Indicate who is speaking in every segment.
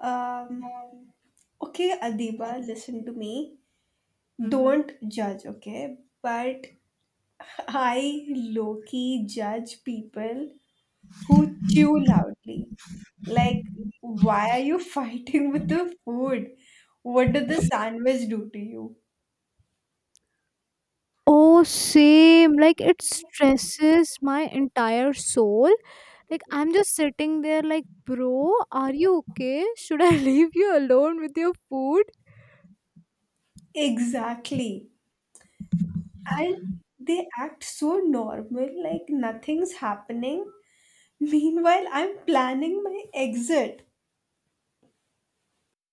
Speaker 1: Um, okay, Adiba, listen to me.
Speaker 2: Mm-hmm.
Speaker 1: Don't judge, okay? But I low key judge people who chew loudly. Like, why are you fighting with the food? What did the sandwich do to you?
Speaker 2: Oh, same. Like it stresses my entire soul. Like I'm just sitting there, like, bro, are you okay? Should I leave you alone with your food?
Speaker 1: Exactly. And they act so normal, like nothing's happening. Meanwhile, I'm planning my exit.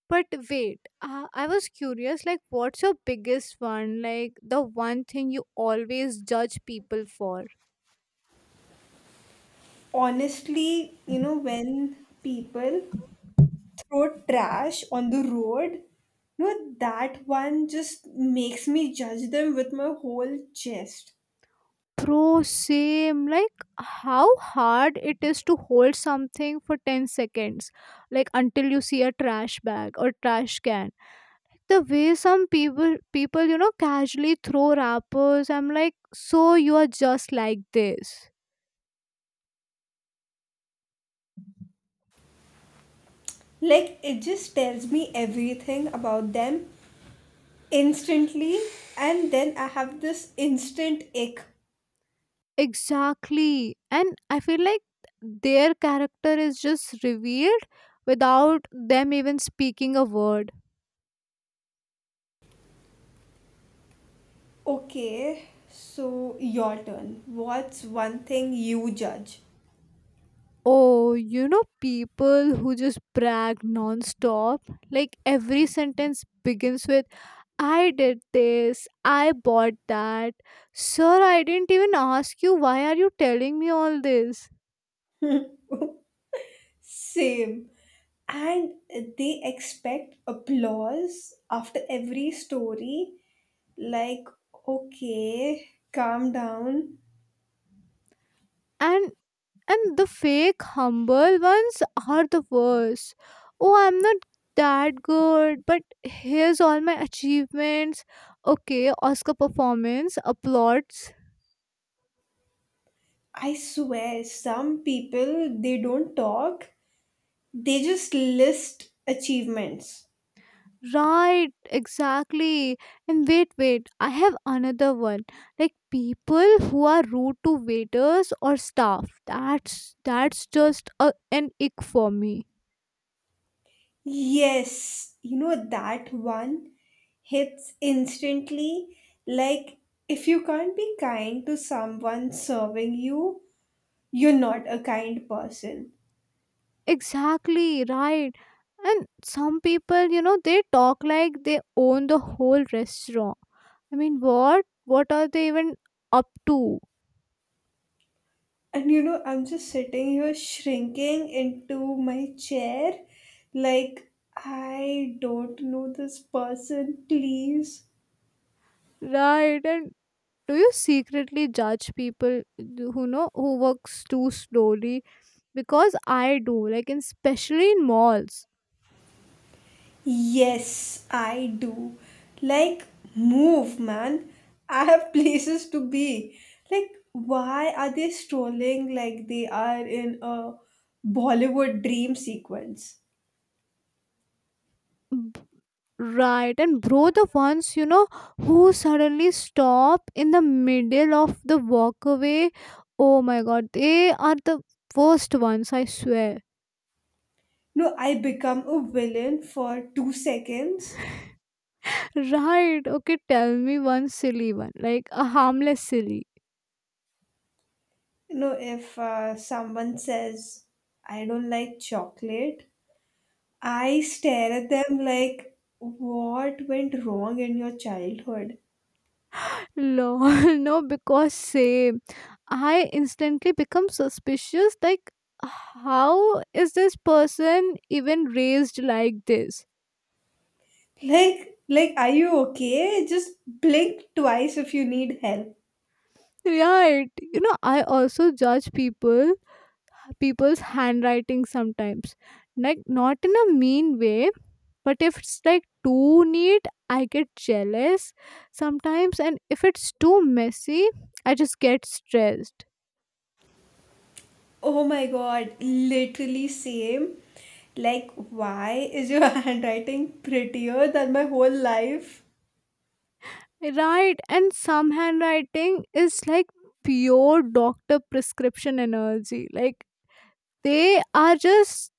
Speaker 2: But wait, I was curious. Like, what's your biggest one? Like the one thing you always judge people for?
Speaker 1: Honestly, when people throw trash on the road. No, that one just makes me judge them with my whole chest.
Speaker 2: Bro, same. Like how hard it is to hold something for 10 seconds, like until you see a trash bag or trash can, the way some people you know casually throw wrappers. I'm like, so you are just like this?
Speaker 1: Like, it just tells me everything about them instantly, and then I have this instant ick.
Speaker 2: Exactly, and I feel like their character is just revealed without them even speaking a word.
Speaker 1: Okay, so your turn. What's one thing you judge?
Speaker 2: Oh, you know, people who just brag non-stop, like every sentence begins with, I did this, I bought that. Sir, I didn't even ask you, why are you telling me all this?
Speaker 1: Same. And they expect applause after every story. Like, okay, calm down.
Speaker 2: and And the fake humble ones are the worst. Oh, I'm not that good, but here's all my achievements. Okay, Oscar performance applauds.
Speaker 1: I swear, some people, they don't talk, they just list achievements.
Speaker 2: Right, exactly. And wait, wait, I have another one. Like people who are rude to waiters or staff. That's just a, an ick for me.
Speaker 1: Yes, that one hits instantly. Like, if you can't be kind to someone serving you, you're not a kind person.
Speaker 2: Exactly, right. And some people, you know, they talk like they own the whole restaurant. I mean, what? What are they even up to?
Speaker 1: And I'm just sitting here shrinking into my chair like I don't know this person, please.
Speaker 2: Right. And do you secretly judge people who know who works too slowly? Because I do, like, in, especially in malls.
Speaker 1: Yes, I do. Like, move, man. I have places to be. Like, why are they strolling like they are in a Bollywood dream sequence?
Speaker 2: Right, and bro, the ones you know who suddenly stop in the middle of the walkway. Oh my god, they are the worst ones, I swear.
Speaker 1: No, I become a villain for 2 seconds.
Speaker 2: Right, okay, tell me one silly one, like a harmless silly.
Speaker 1: You know, if someone says, I don't like chocolate, I stare at them like, what went wrong in your childhood?
Speaker 2: Lol, no, because same. I instantly become suspicious, like, how is this person even raised like this?
Speaker 1: Like, are you okay? Just blink twice if you need help.
Speaker 2: Right, you know, I also judge people people's handwriting sometimes, like not in a mean way, but if it's like too neat I get jealous sometimes, and if it's too messy I just get stressed.
Speaker 1: Oh my god, literally same. Like, why is your handwriting prettier than my whole life?
Speaker 2: Right, and some handwriting is like pure doctor prescription energy, like they are just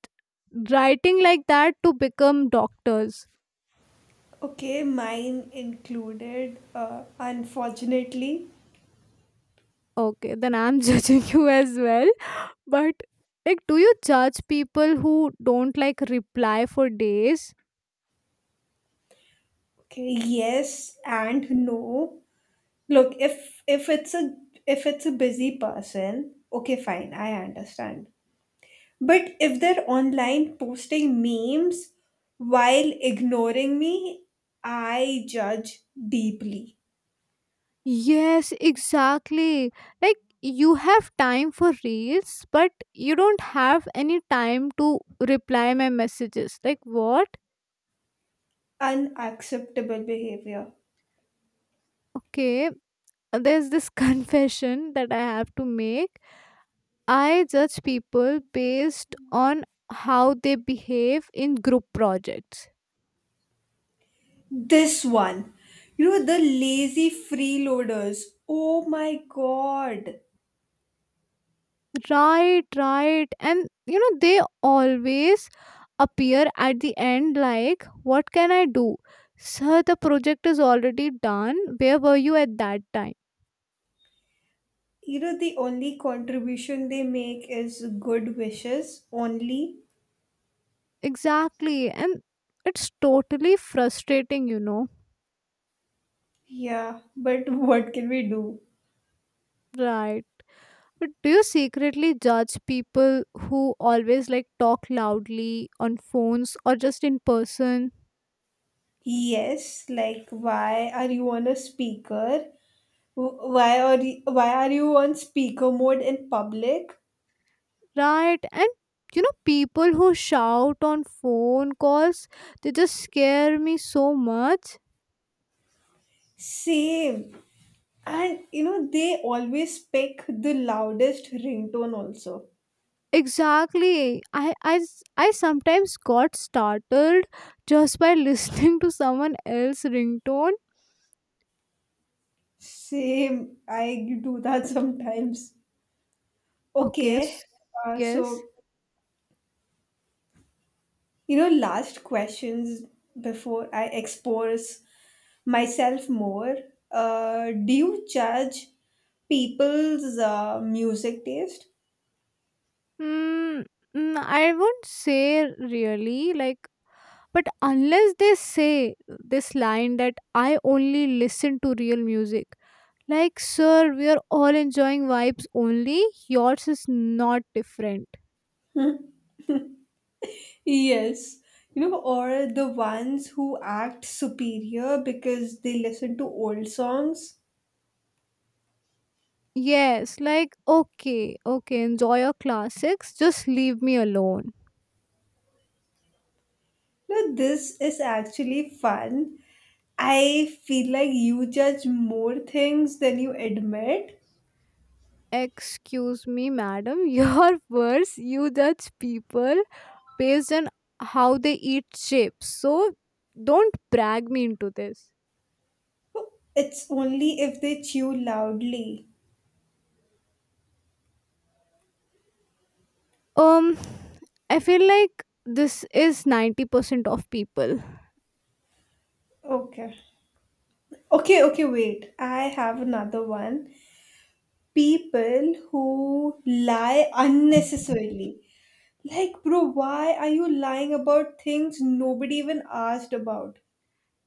Speaker 2: writing like that to become doctors.
Speaker 1: Okay, mine included, unfortunately.
Speaker 2: Okay, then I'm judging you as well. But like, do you judge people who don't like reply for days?
Speaker 1: Okay, yes and no. Look, if it's a busy person, okay, fine, I understand. But if they're online posting memes while ignoring me, I judge deeply.
Speaker 2: Yes, exactly. Like you have time for reels, but you don't have any time to reply my messages. Like what?
Speaker 1: Unacceptable behavior.
Speaker 2: Okay, there's this confession that I have to make. I judge people based on how they behave in group projects.
Speaker 1: This one. You know, the lazy freeloaders. Oh my god.
Speaker 2: Right, right. And you know, they always appear at the end like, what can I do? Sir, the project is already done. Where were you at that time?
Speaker 1: You know, the only contribution they make is good wishes only.
Speaker 2: Exactly. And it's totally frustrating, you know.
Speaker 1: Yeah, but what can we do?
Speaker 2: Right. But do you secretly judge people who always like talk loudly on phones or just in person?
Speaker 1: Yes, like why are you on a speaker? Why are you on speaker mode in public?
Speaker 2: Right, and you know, people who shout on phone calls, they just scare me so much.
Speaker 1: Same. And you know they always pick the loudest ringtone also.
Speaker 2: Exactly, I sometimes got startled just by listening to someone else's ringtone.
Speaker 1: Same. I do that sometimes.
Speaker 2: okay
Speaker 1: Okay.
Speaker 2: s-
Speaker 1: Uh,
Speaker 2: yes.
Speaker 1: so last questions before I expose myself more. Do you judge people's music taste?
Speaker 2: Mm, mm, I won't say really, like, but unless they say this line that I only listen to real music. Like, sir, we are all enjoying vibes only. Yours is not different.
Speaker 1: Yes, or the ones who act superior because they listen to old songs.
Speaker 2: Yes, like, okay, okay, enjoy your classics, just leave me alone.
Speaker 1: No, this is actually fun. I feel like you judge more things than you admit.
Speaker 2: Excuse me, madam, your words. You judge people based on how they eat chips. So don't brag me into this.
Speaker 1: It's only if they chew loudly.
Speaker 2: Um, I feel like this is 90% of people.
Speaker 1: Okay. Okay, okay, wait. I have another one. People who lie unnecessarily. Like, bro, why are you lying about things nobody even asked about?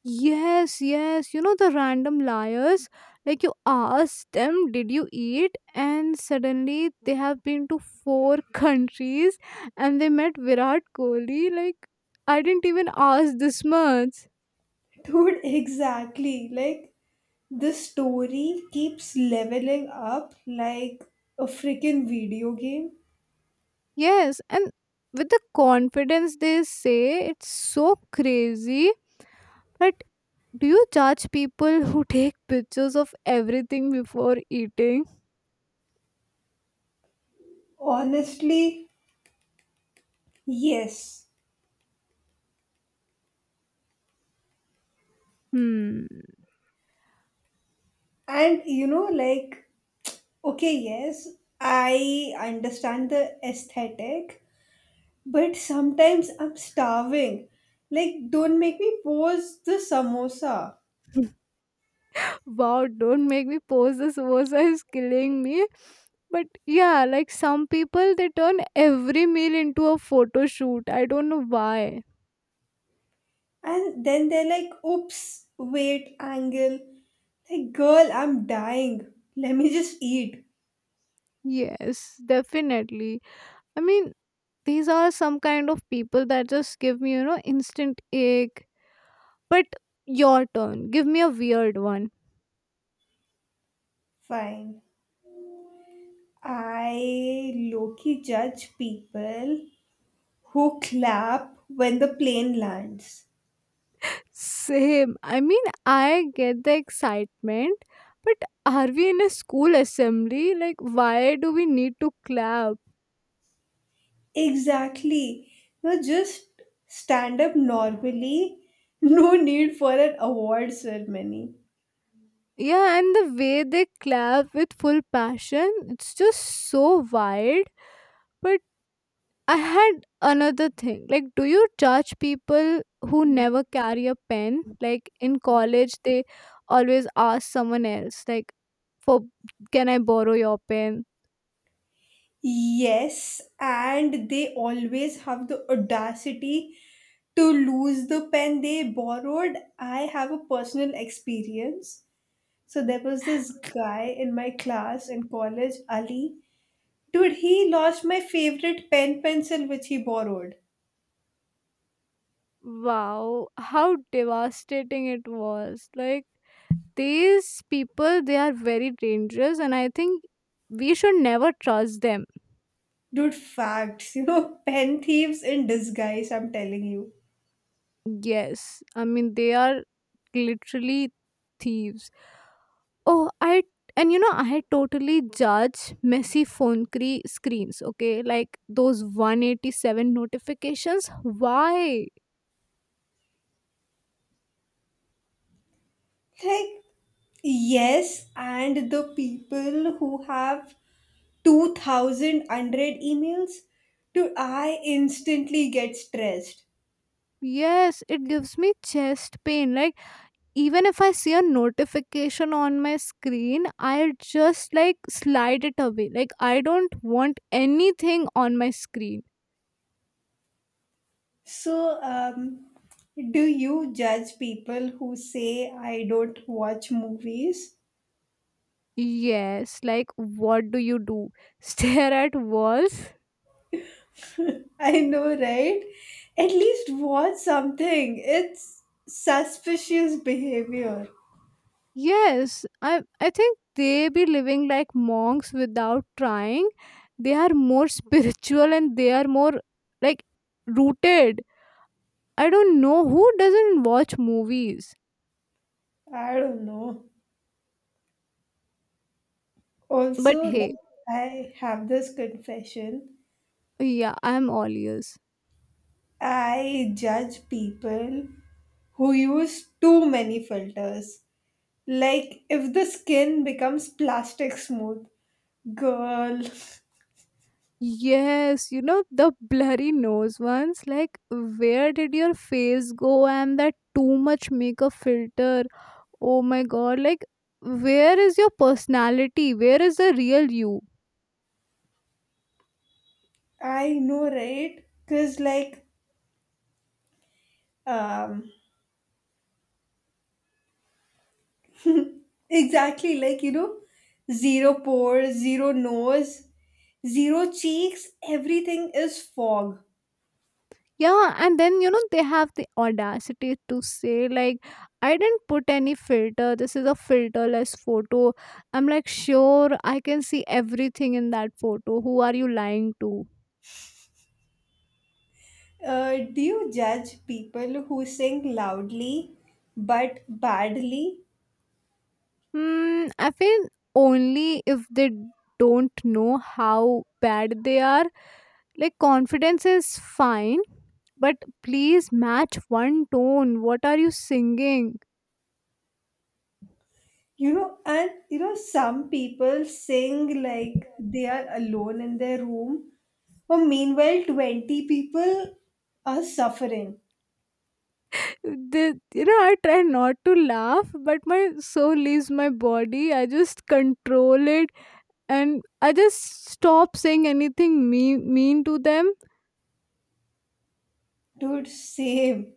Speaker 2: Yes, yes. You know the random liars? Like you ask them, did you eat? And suddenly they have been to four countries and they met Virat Kohli. Like, I didn't even ask this much.
Speaker 1: Dude, exactly. Like, the story keeps leveling up like a freaking video game.
Speaker 2: Yes, and with the confidence they say, it's so crazy. But do you judge people who take pictures of everything before eating?
Speaker 1: Honestly, yes.
Speaker 2: Hmm.
Speaker 1: And like, okay, yes, I understand the aesthetic, but sometimes I'm starving. Like, don't make me pause the samosa.
Speaker 2: Wow, don't make me pose. This samosa is killing me. But yeah, like some people, they turn every meal into a photo shoot. I don't know why.
Speaker 1: And then they're like, oops, wait, angle. Like, girl, I'm dying. Let me just eat.
Speaker 2: Yes, definitely. I mean, these are some kind of people that just give me, you know, instant ache. But your turn. Give me a weird one.
Speaker 1: Fine. I low key judge people who clap when the plane lands.
Speaker 2: Same. I mean, I get the excitement, but are we in a school assembly? Like, why do we need to clap?
Speaker 1: Exactly. No, just stand up normally. No need for an award ceremony.
Speaker 2: Yeah, and the way they clap with full passion, it's just so wild. But I had another thing. Like, do you judge people who never carry a pen? Like, in college, they always ask someone else, like, for, can I borrow your pen?
Speaker 1: Yes, and they always have the audacity to lose the pen they borrowed. I have a personal experience. So there was this guy in my class in college, Ali. Dude, he lost my favorite pen pencil which he borrowed.
Speaker 2: Wow, how devastating it was. Like, these people, they are very dangerous, and I think we should never trust them.
Speaker 1: Dude, facts. You know, pen thieves in disguise, I'm telling you.
Speaker 2: Yes, I mean, they are literally thieves. Oh, I, and you know, I totally judge messy phone screens, okay? Like those 187 notifications. Why?
Speaker 1: Like, yes, and the people who have 2000 unread emails, dude, I instantly get stressed.
Speaker 2: Yes, it gives me chest pain. Like, even if I see a notification on my screen, I just like slide it away, like I don't want anything on my screen.
Speaker 1: So, do you judge people who say I don't watch movies?
Speaker 2: Yes, like what do you do, stare at walls?
Speaker 1: I know, right? At least watch something. It's suspicious behavior.
Speaker 2: Yes, i I think they be living like monks without trying. They are more spiritual and they are more, like, rooted. I don't know who doesn't watch movies.
Speaker 1: I don't know.
Speaker 2: But
Speaker 1: Also,
Speaker 2: hey,
Speaker 1: like, I have this confession.
Speaker 2: yeah, I'm all ears.
Speaker 1: I judge people who use too many filters. Like, if the skin becomes plastic smooth, girl.
Speaker 2: Yes, you know, the blurry nose ones. Like, where did your face go? And that too much makeup filter. Oh my god, like, where is your personality? Where is the real you?
Speaker 1: I know, right? Because, like, um, Exactly, like zero pores, zero nose, zero cheeks, everything is fog.
Speaker 2: Yeah, and then you know they have the audacity to say, like, I didn't put any filter. This is a filterless photo. I'm like, sure, I can see everything in that photo. Who are you lying to?
Speaker 1: Do you judge people who sing loudly but badly?
Speaker 2: Hmm, I feel only if they don't know how bad they are. Like, confidence is fine, but please match one tone. What are you singing?
Speaker 1: And some people sing like they are alone in their room, or meanwhile, 20 people are suffering.
Speaker 2: The, you know, I try not to laugh, but my soul leaves my body. I just control it and I just stop saying anything mean to them.
Speaker 1: Dude, same.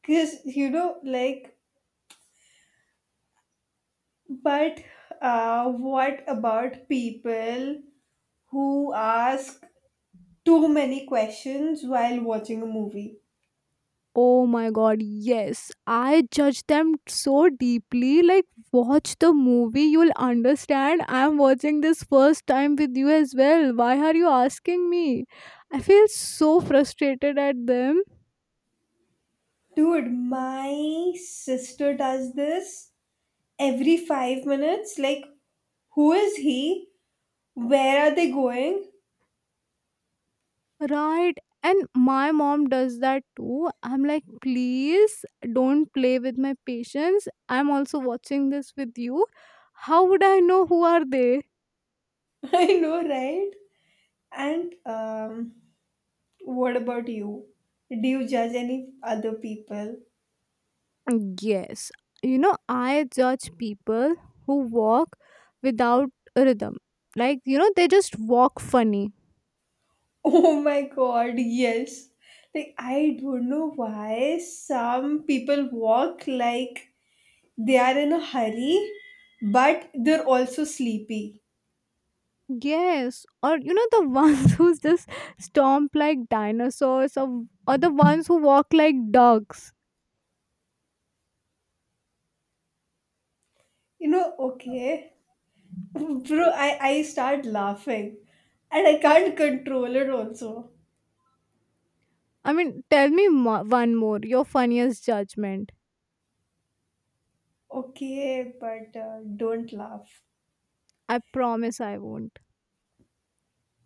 Speaker 1: Because, like, but what about people who ask too many questions while watching a movie?
Speaker 2: Oh my god, yes. I judge them so deeply. Like, watch the movie, you'll understand. I'm watching this first time with you as well. Why are you asking me? I feel so frustrated at them.
Speaker 1: Dude, my sister does this every 5 minutes. Like, who is he? Where are they going?
Speaker 2: Right. And my mom does that too. I'm like, please don't play with my patience. I'm also watching this with you. How would I know who are they?
Speaker 1: I know, right? And what about you? Do you judge any other people?
Speaker 2: Yes, you know, I judge people who walk without a rhythm. Like, you know, they just walk funny.
Speaker 1: Oh my god, yes. Like, I don't know why some people walk like they are in a hurry, but they're also sleepy.
Speaker 2: Yes, or you know, the ones who just stomp like dinosaurs, or the ones who walk like dogs.
Speaker 1: You know, okay. Bro, I start laughing and I can't control it also.
Speaker 2: I mean, tell me one more, your funniest judgment.
Speaker 1: Okay, but don't laugh.
Speaker 2: I promise I won't.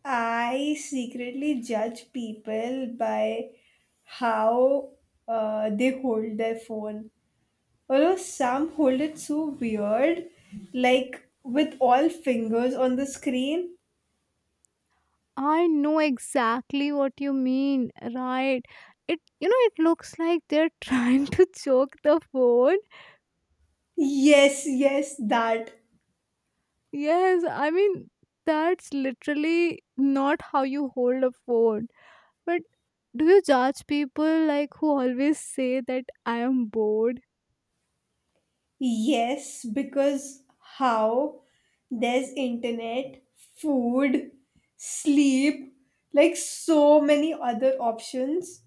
Speaker 1: I secretly judge people by how they hold their phone. Although some hold it so weird, like with all fingers on the screen.
Speaker 2: I know exactly what you mean, right? It, you know, it looks like they're trying to choke the food.
Speaker 1: Yes, yes, that.
Speaker 2: Yes, I mean, that's literally not how you hold a phone. But do you judge people like who always say that I am bored?
Speaker 1: Yes, because how? There's internet, food, sleep, like so many other options.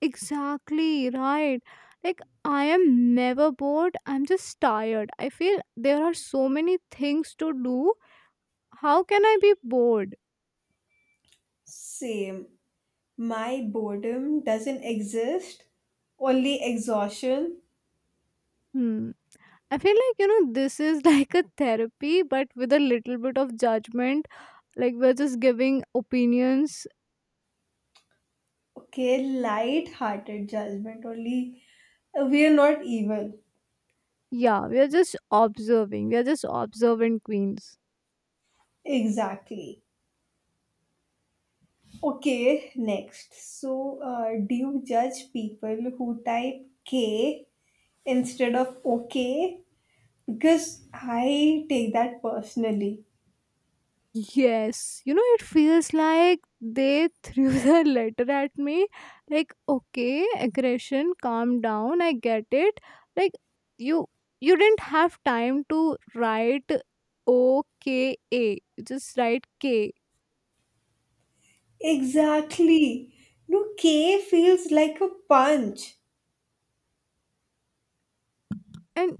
Speaker 2: Exactly, right. Like, I am never bored. I'm just tired. I feel there are so many things to do. How can I be bored?
Speaker 1: Same. My boredom doesn't exist, only exhaustion.
Speaker 2: Hmm. I feel like, you know, this is like a therapy, but with a little bit of judgment. Like, we're just giving opinions.
Speaker 1: Okay, light hearted judgment, only we are not evil.
Speaker 2: Yeah, we are just observing. We are just observant queens.
Speaker 1: Exactly. Okay, next. So, do you judge people who type K instead of OK? Because I take that personally.
Speaker 2: Yes, you know, it feels like they threw the letter at me. Like, okay, aggression, calm down. I get it. Like, you you didn't have time to write OKA. Just write K.
Speaker 1: Exactly. No, K feels like a punch.
Speaker 2: And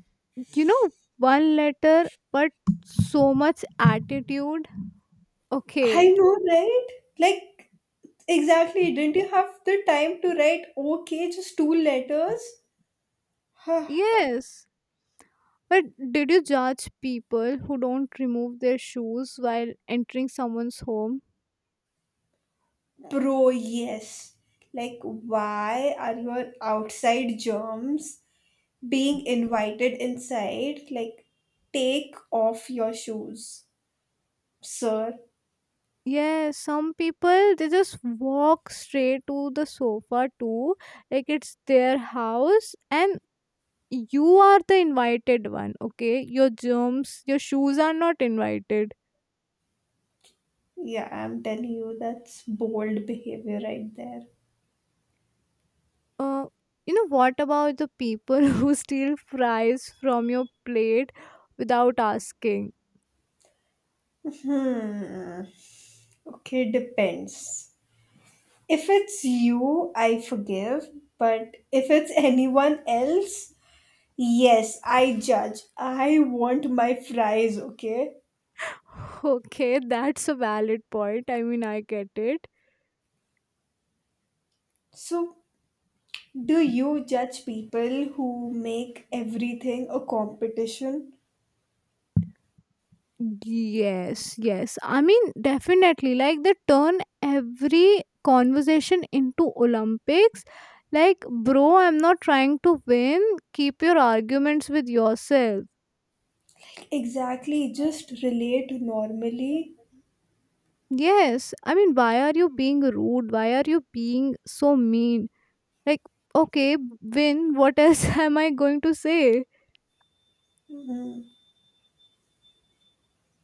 Speaker 2: you know, one letter, but so much attitude. Okay.
Speaker 1: I know, right? Like, exactly. Didn't you have the time to write OK, just two letters? Huh.
Speaker 2: Yes. But did you judge people who don't remove their shoes while entering someone's home?
Speaker 1: Bro, yes. Like, why are your outside germs being invited inside, like, take off your shoes, sir.
Speaker 2: Yeah, some people they just walk straight to the sofa too, like it's their house, and you are the invited one, okay? Your germs, your shoes are not invited.
Speaker 1: Yeah, I'm telling you, that's bold behavior right there.
Speaker 2: Uh, you know, what about the people who steal fries from your plate without asking?
Speaker 1: Hmm. Okay, depends. If it's you, I forgive. But if it's anyone else, yes, I judge. I want my fries, okay?
Speaker 2: Okay, that's a valid point. I mean, I get it.
Speaker 1: So, do you judge people who make everything a competition?
Speaker 2: Yes, yes. I mean, definitely. Like they turn every conversation into Olympics. Like, bro, I'm not trying to win. Keep your arguments with yourself.
Speaker 1: Exactly, just relate normally.
Speaker 2: Yes. I mean, why are you being rude? Why are you being so mean? Like, okay, win. What else am I going to say?
Speaker 1: Mhm.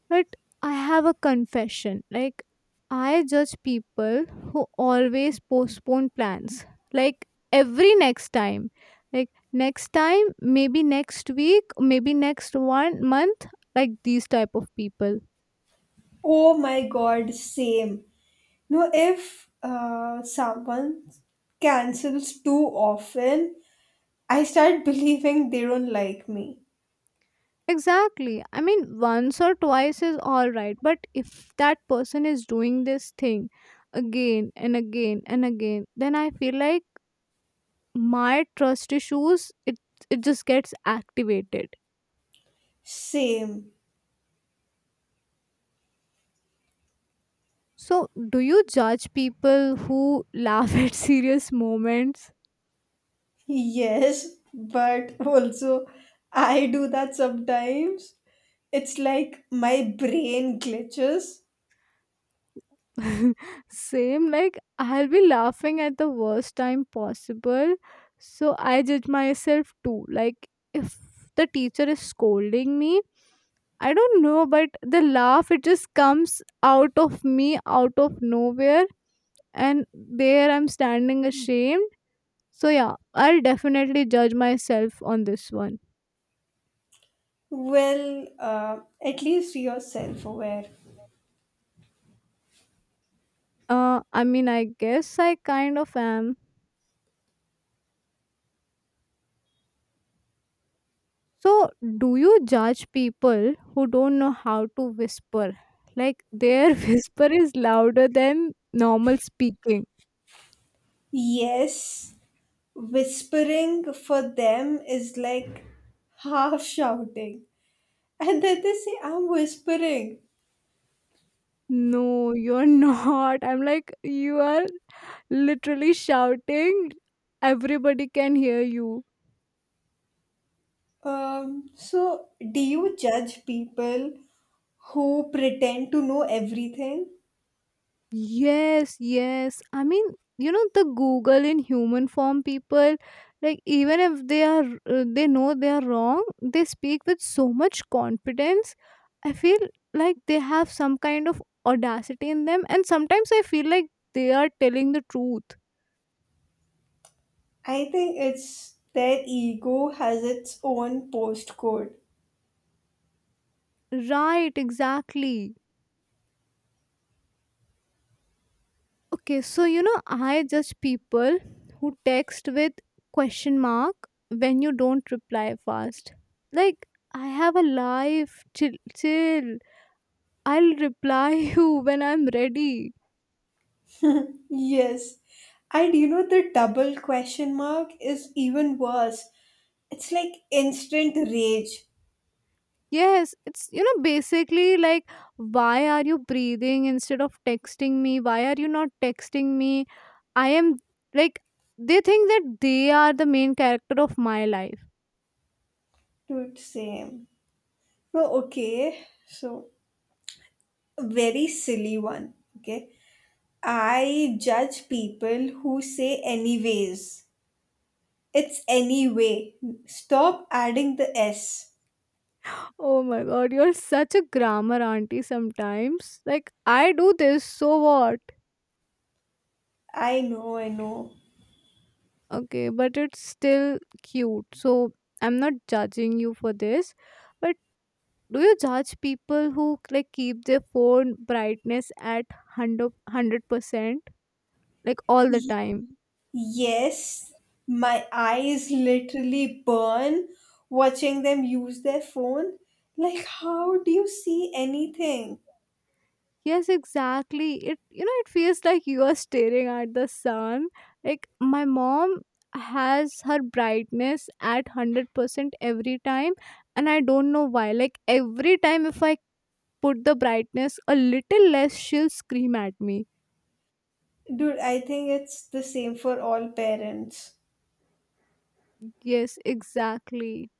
Speaker 2: But I have a confession. Like, I judge people who always postpone plans. Like, every next time. Like, next time, maybe next week, maybe next 1 month. Like, these type of people.
Speaker 1: Oh my god, same. No, if someone cancels too often, I start believing they don't like me.
Speaker 2: Exactly. I mean, once or twice is alright. But if that person is doing this thing again and again and again, then I feel like my trust issues, it just gets activated.
Speaker 1: Same.
Speaker 2: So, do you judge people who laugh at serious moments?
Speaker 1: Yes, but also I do that sometimes. It's like my brain glitches.
Speaker 2: Same, like I'll be laughing at the worst time possible. So, I judge myself too. Like, if the teacher is scolding me, I don't know, but the laugh, it just comes out of me, out of nowhere. And there I'm standing ashamed. So, yeah, I'll definitely judge myself on this one.
Speaker 1: Well, at least you're self aware.
Speaker 2: I guess I kind of am. So, do you judge people who don't know how to whisper? Like their whisper is louder than normal speaking.
Speaker 1: Yes, whispering for them is like half shouting. And then they say, I'm whispering.
Speaker 2: No, you're not. I'm like, you are literally shouting. Everybody can hear you.
Speaker 1: So, do you judge people who pretend to know everything?
Speaker 2: Yes, yes. The Google in human form people, like, even if they are, they know they are wrong, they speak with so much confidence. I feel like they have some kind of audacity in them, and sometimes I feel like they are telling the truth.
Speaker 1: I think it's their ego has its own postcode.
Speaker 2: Right, exactly. Okay, so I judge people who text with question mark when you don't reply fast. Like, I have a life, chill, chill. I'll reply you when I'm ready.
Speaker 1: Yes. And the double question mark is even worse. It's like instant rage.
Speaker 2: Yes, basically like, why are you breathing instead of texting me? Why are you not texting me? I am like, they think that they are the main character of my life.
Speaker 1: Dude, same. No, okay. So very silly one. Okay. I judge people who say anyways. It's anyway. Stop adding the S.
Speaker 2: Oh my god, you're such a grammar auntie sometimes. Like, I do this, so what?
Speaker 1: I know, I know.
Speaker 2: Okay, but it's still cute. So, I'm not judging you for this. But do you judge people who like keep their phone brightness at 100%? Like all the time.
Speaker 1: Yes, my eyes literally burn watching them use their phone. Like, how do you see anything?
Speaker 2: Yes, exactly. It it feels like you are staring at the sun. Like my mom has her brightness at 100% every time and I don't know why. Like every time if I put the brightness a little less she'll scream at me.
Speaker 1: Dude, I think it's the same for all parents.
Speaker 2: Yes, exactly.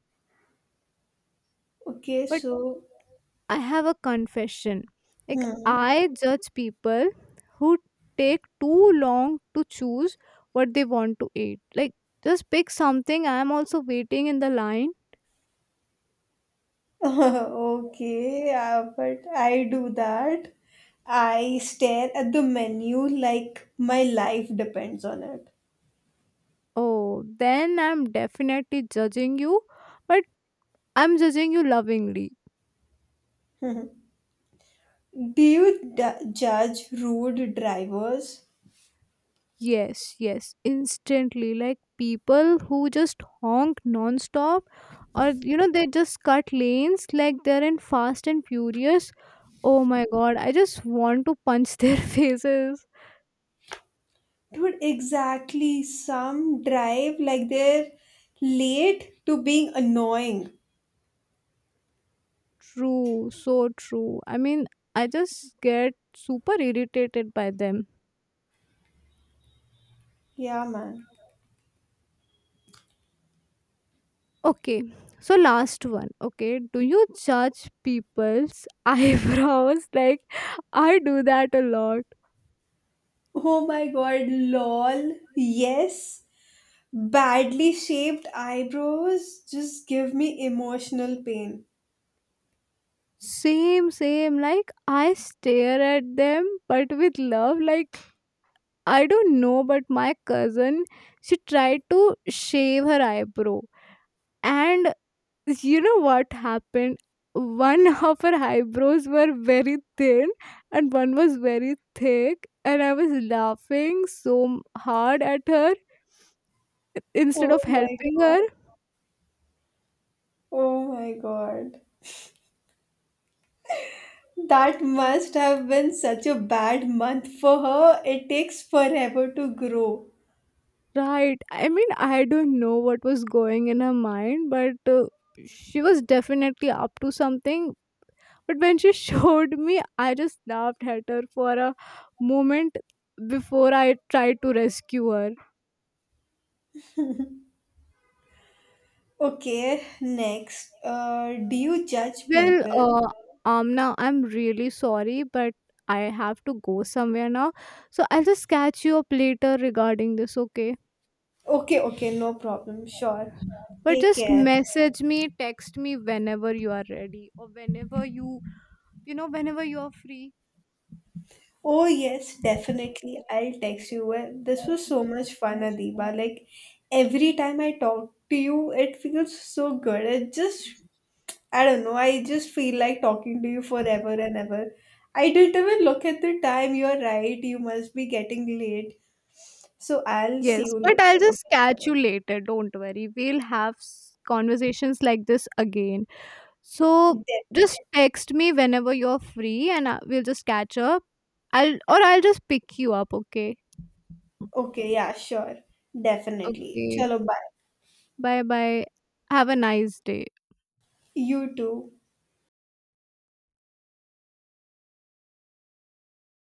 Speaker 1: Okay,
Speaker 2: But
Speaker 1: so.
Speaker 2: I have a confession. Like
Speaker 1: Hmm.
Speaker 2: I judge people who take too long to choose what they want to eat. Like just pick something. I'm also waiting in the line.
Speaker 1: Okay, but I do that. I stare at the menu like my life depends on it.
Speaker 2: Oh, then I'm definitely judging you, but I'm judging you lovingly.
Speaker 1: Do you judge rude drivers?
Speaker 2: Yes, yes, instantly. Like people who just honk non-stop or they just cut lanes like they're in Fast and Furious. Oh my god, I just want to punch their faces.
Speaker 1: Dude, exactly. Some drive like they're late to being annoying.
Speaker 2: True, so true. I mean, I just get super irritated by them.
Speaker 1: Yeah, man.
Speaker 2: Okay, so last one. Okay, do you judge people's eyebrows? Like I do that a lot.
Speaker 1: Oh my god, lol. Yes. Badly shaped eyebrows just give me emotional pain.
Speaker 2: Same, same. Like I stare at them, but with love. Like I don't know, but my cousin, she tried to shave her eyebrow, and you know what happened? One of her eyebrows were very thin, and one was very thick, and I was laughing so hard at her instead
Speaker 1: Oh
Speaker 2: of
Speaker 1: my
Speaker 2: helping
Speaker 1: god.
Speaker 2: her.
Speaker 1: Oh my god. That must have been such a bad month for her. It takes forever to grow.
Speaker 2: Right. I mean, I don't know what was going in her mind, but she was definitely up to something. But when she showed me, I just laughed at her for a moment before I tried to rescue her.
Speaker 1: Okay, next. Do you judge
Speaker 2: Well,
Speaker 1: people?
Speaker 2: Amna, I'm really sorry, but I have to go somewhere now. So I'll just catch you up later regarding this, okay?
Speaker 1: Okay, okay, no problem. Sure.
Speaker 2: But
Speaker 1: Take
Speaker 2: just
Speaker 1: care.
Speaker 2: message me, text me whenever you are ready or whenever whenever you are free.
Speaker 1: Oh, yes, definitely. I'll text you. Well, this was so much fun, Adiba. Like, every time I talk to you, it feels so good. It just, I don't know. I just feel like talking to you forever and ever. I didn't even look at the time. You're right. You must be getting late. So I'll
Speaker 2: Yes,
Speaker 1: see you
Speaker 2: but I'll
Speaker 1: later.
Speaker 2: just catch you later. Don't worry. We'll have conversations like this again. So
Speaker 1: Okay,
Speaker 2: just text me whenever you're free and we'll just catch up. I'll just pick you up, okay?
Speaker 1: okay, yeah, sure. Definitely.
Speaker 2: Okay.
Speaker 1: Chalo, bye.
Speaker 2: Bye bye. Have a nice day.
Speaker 1: You too.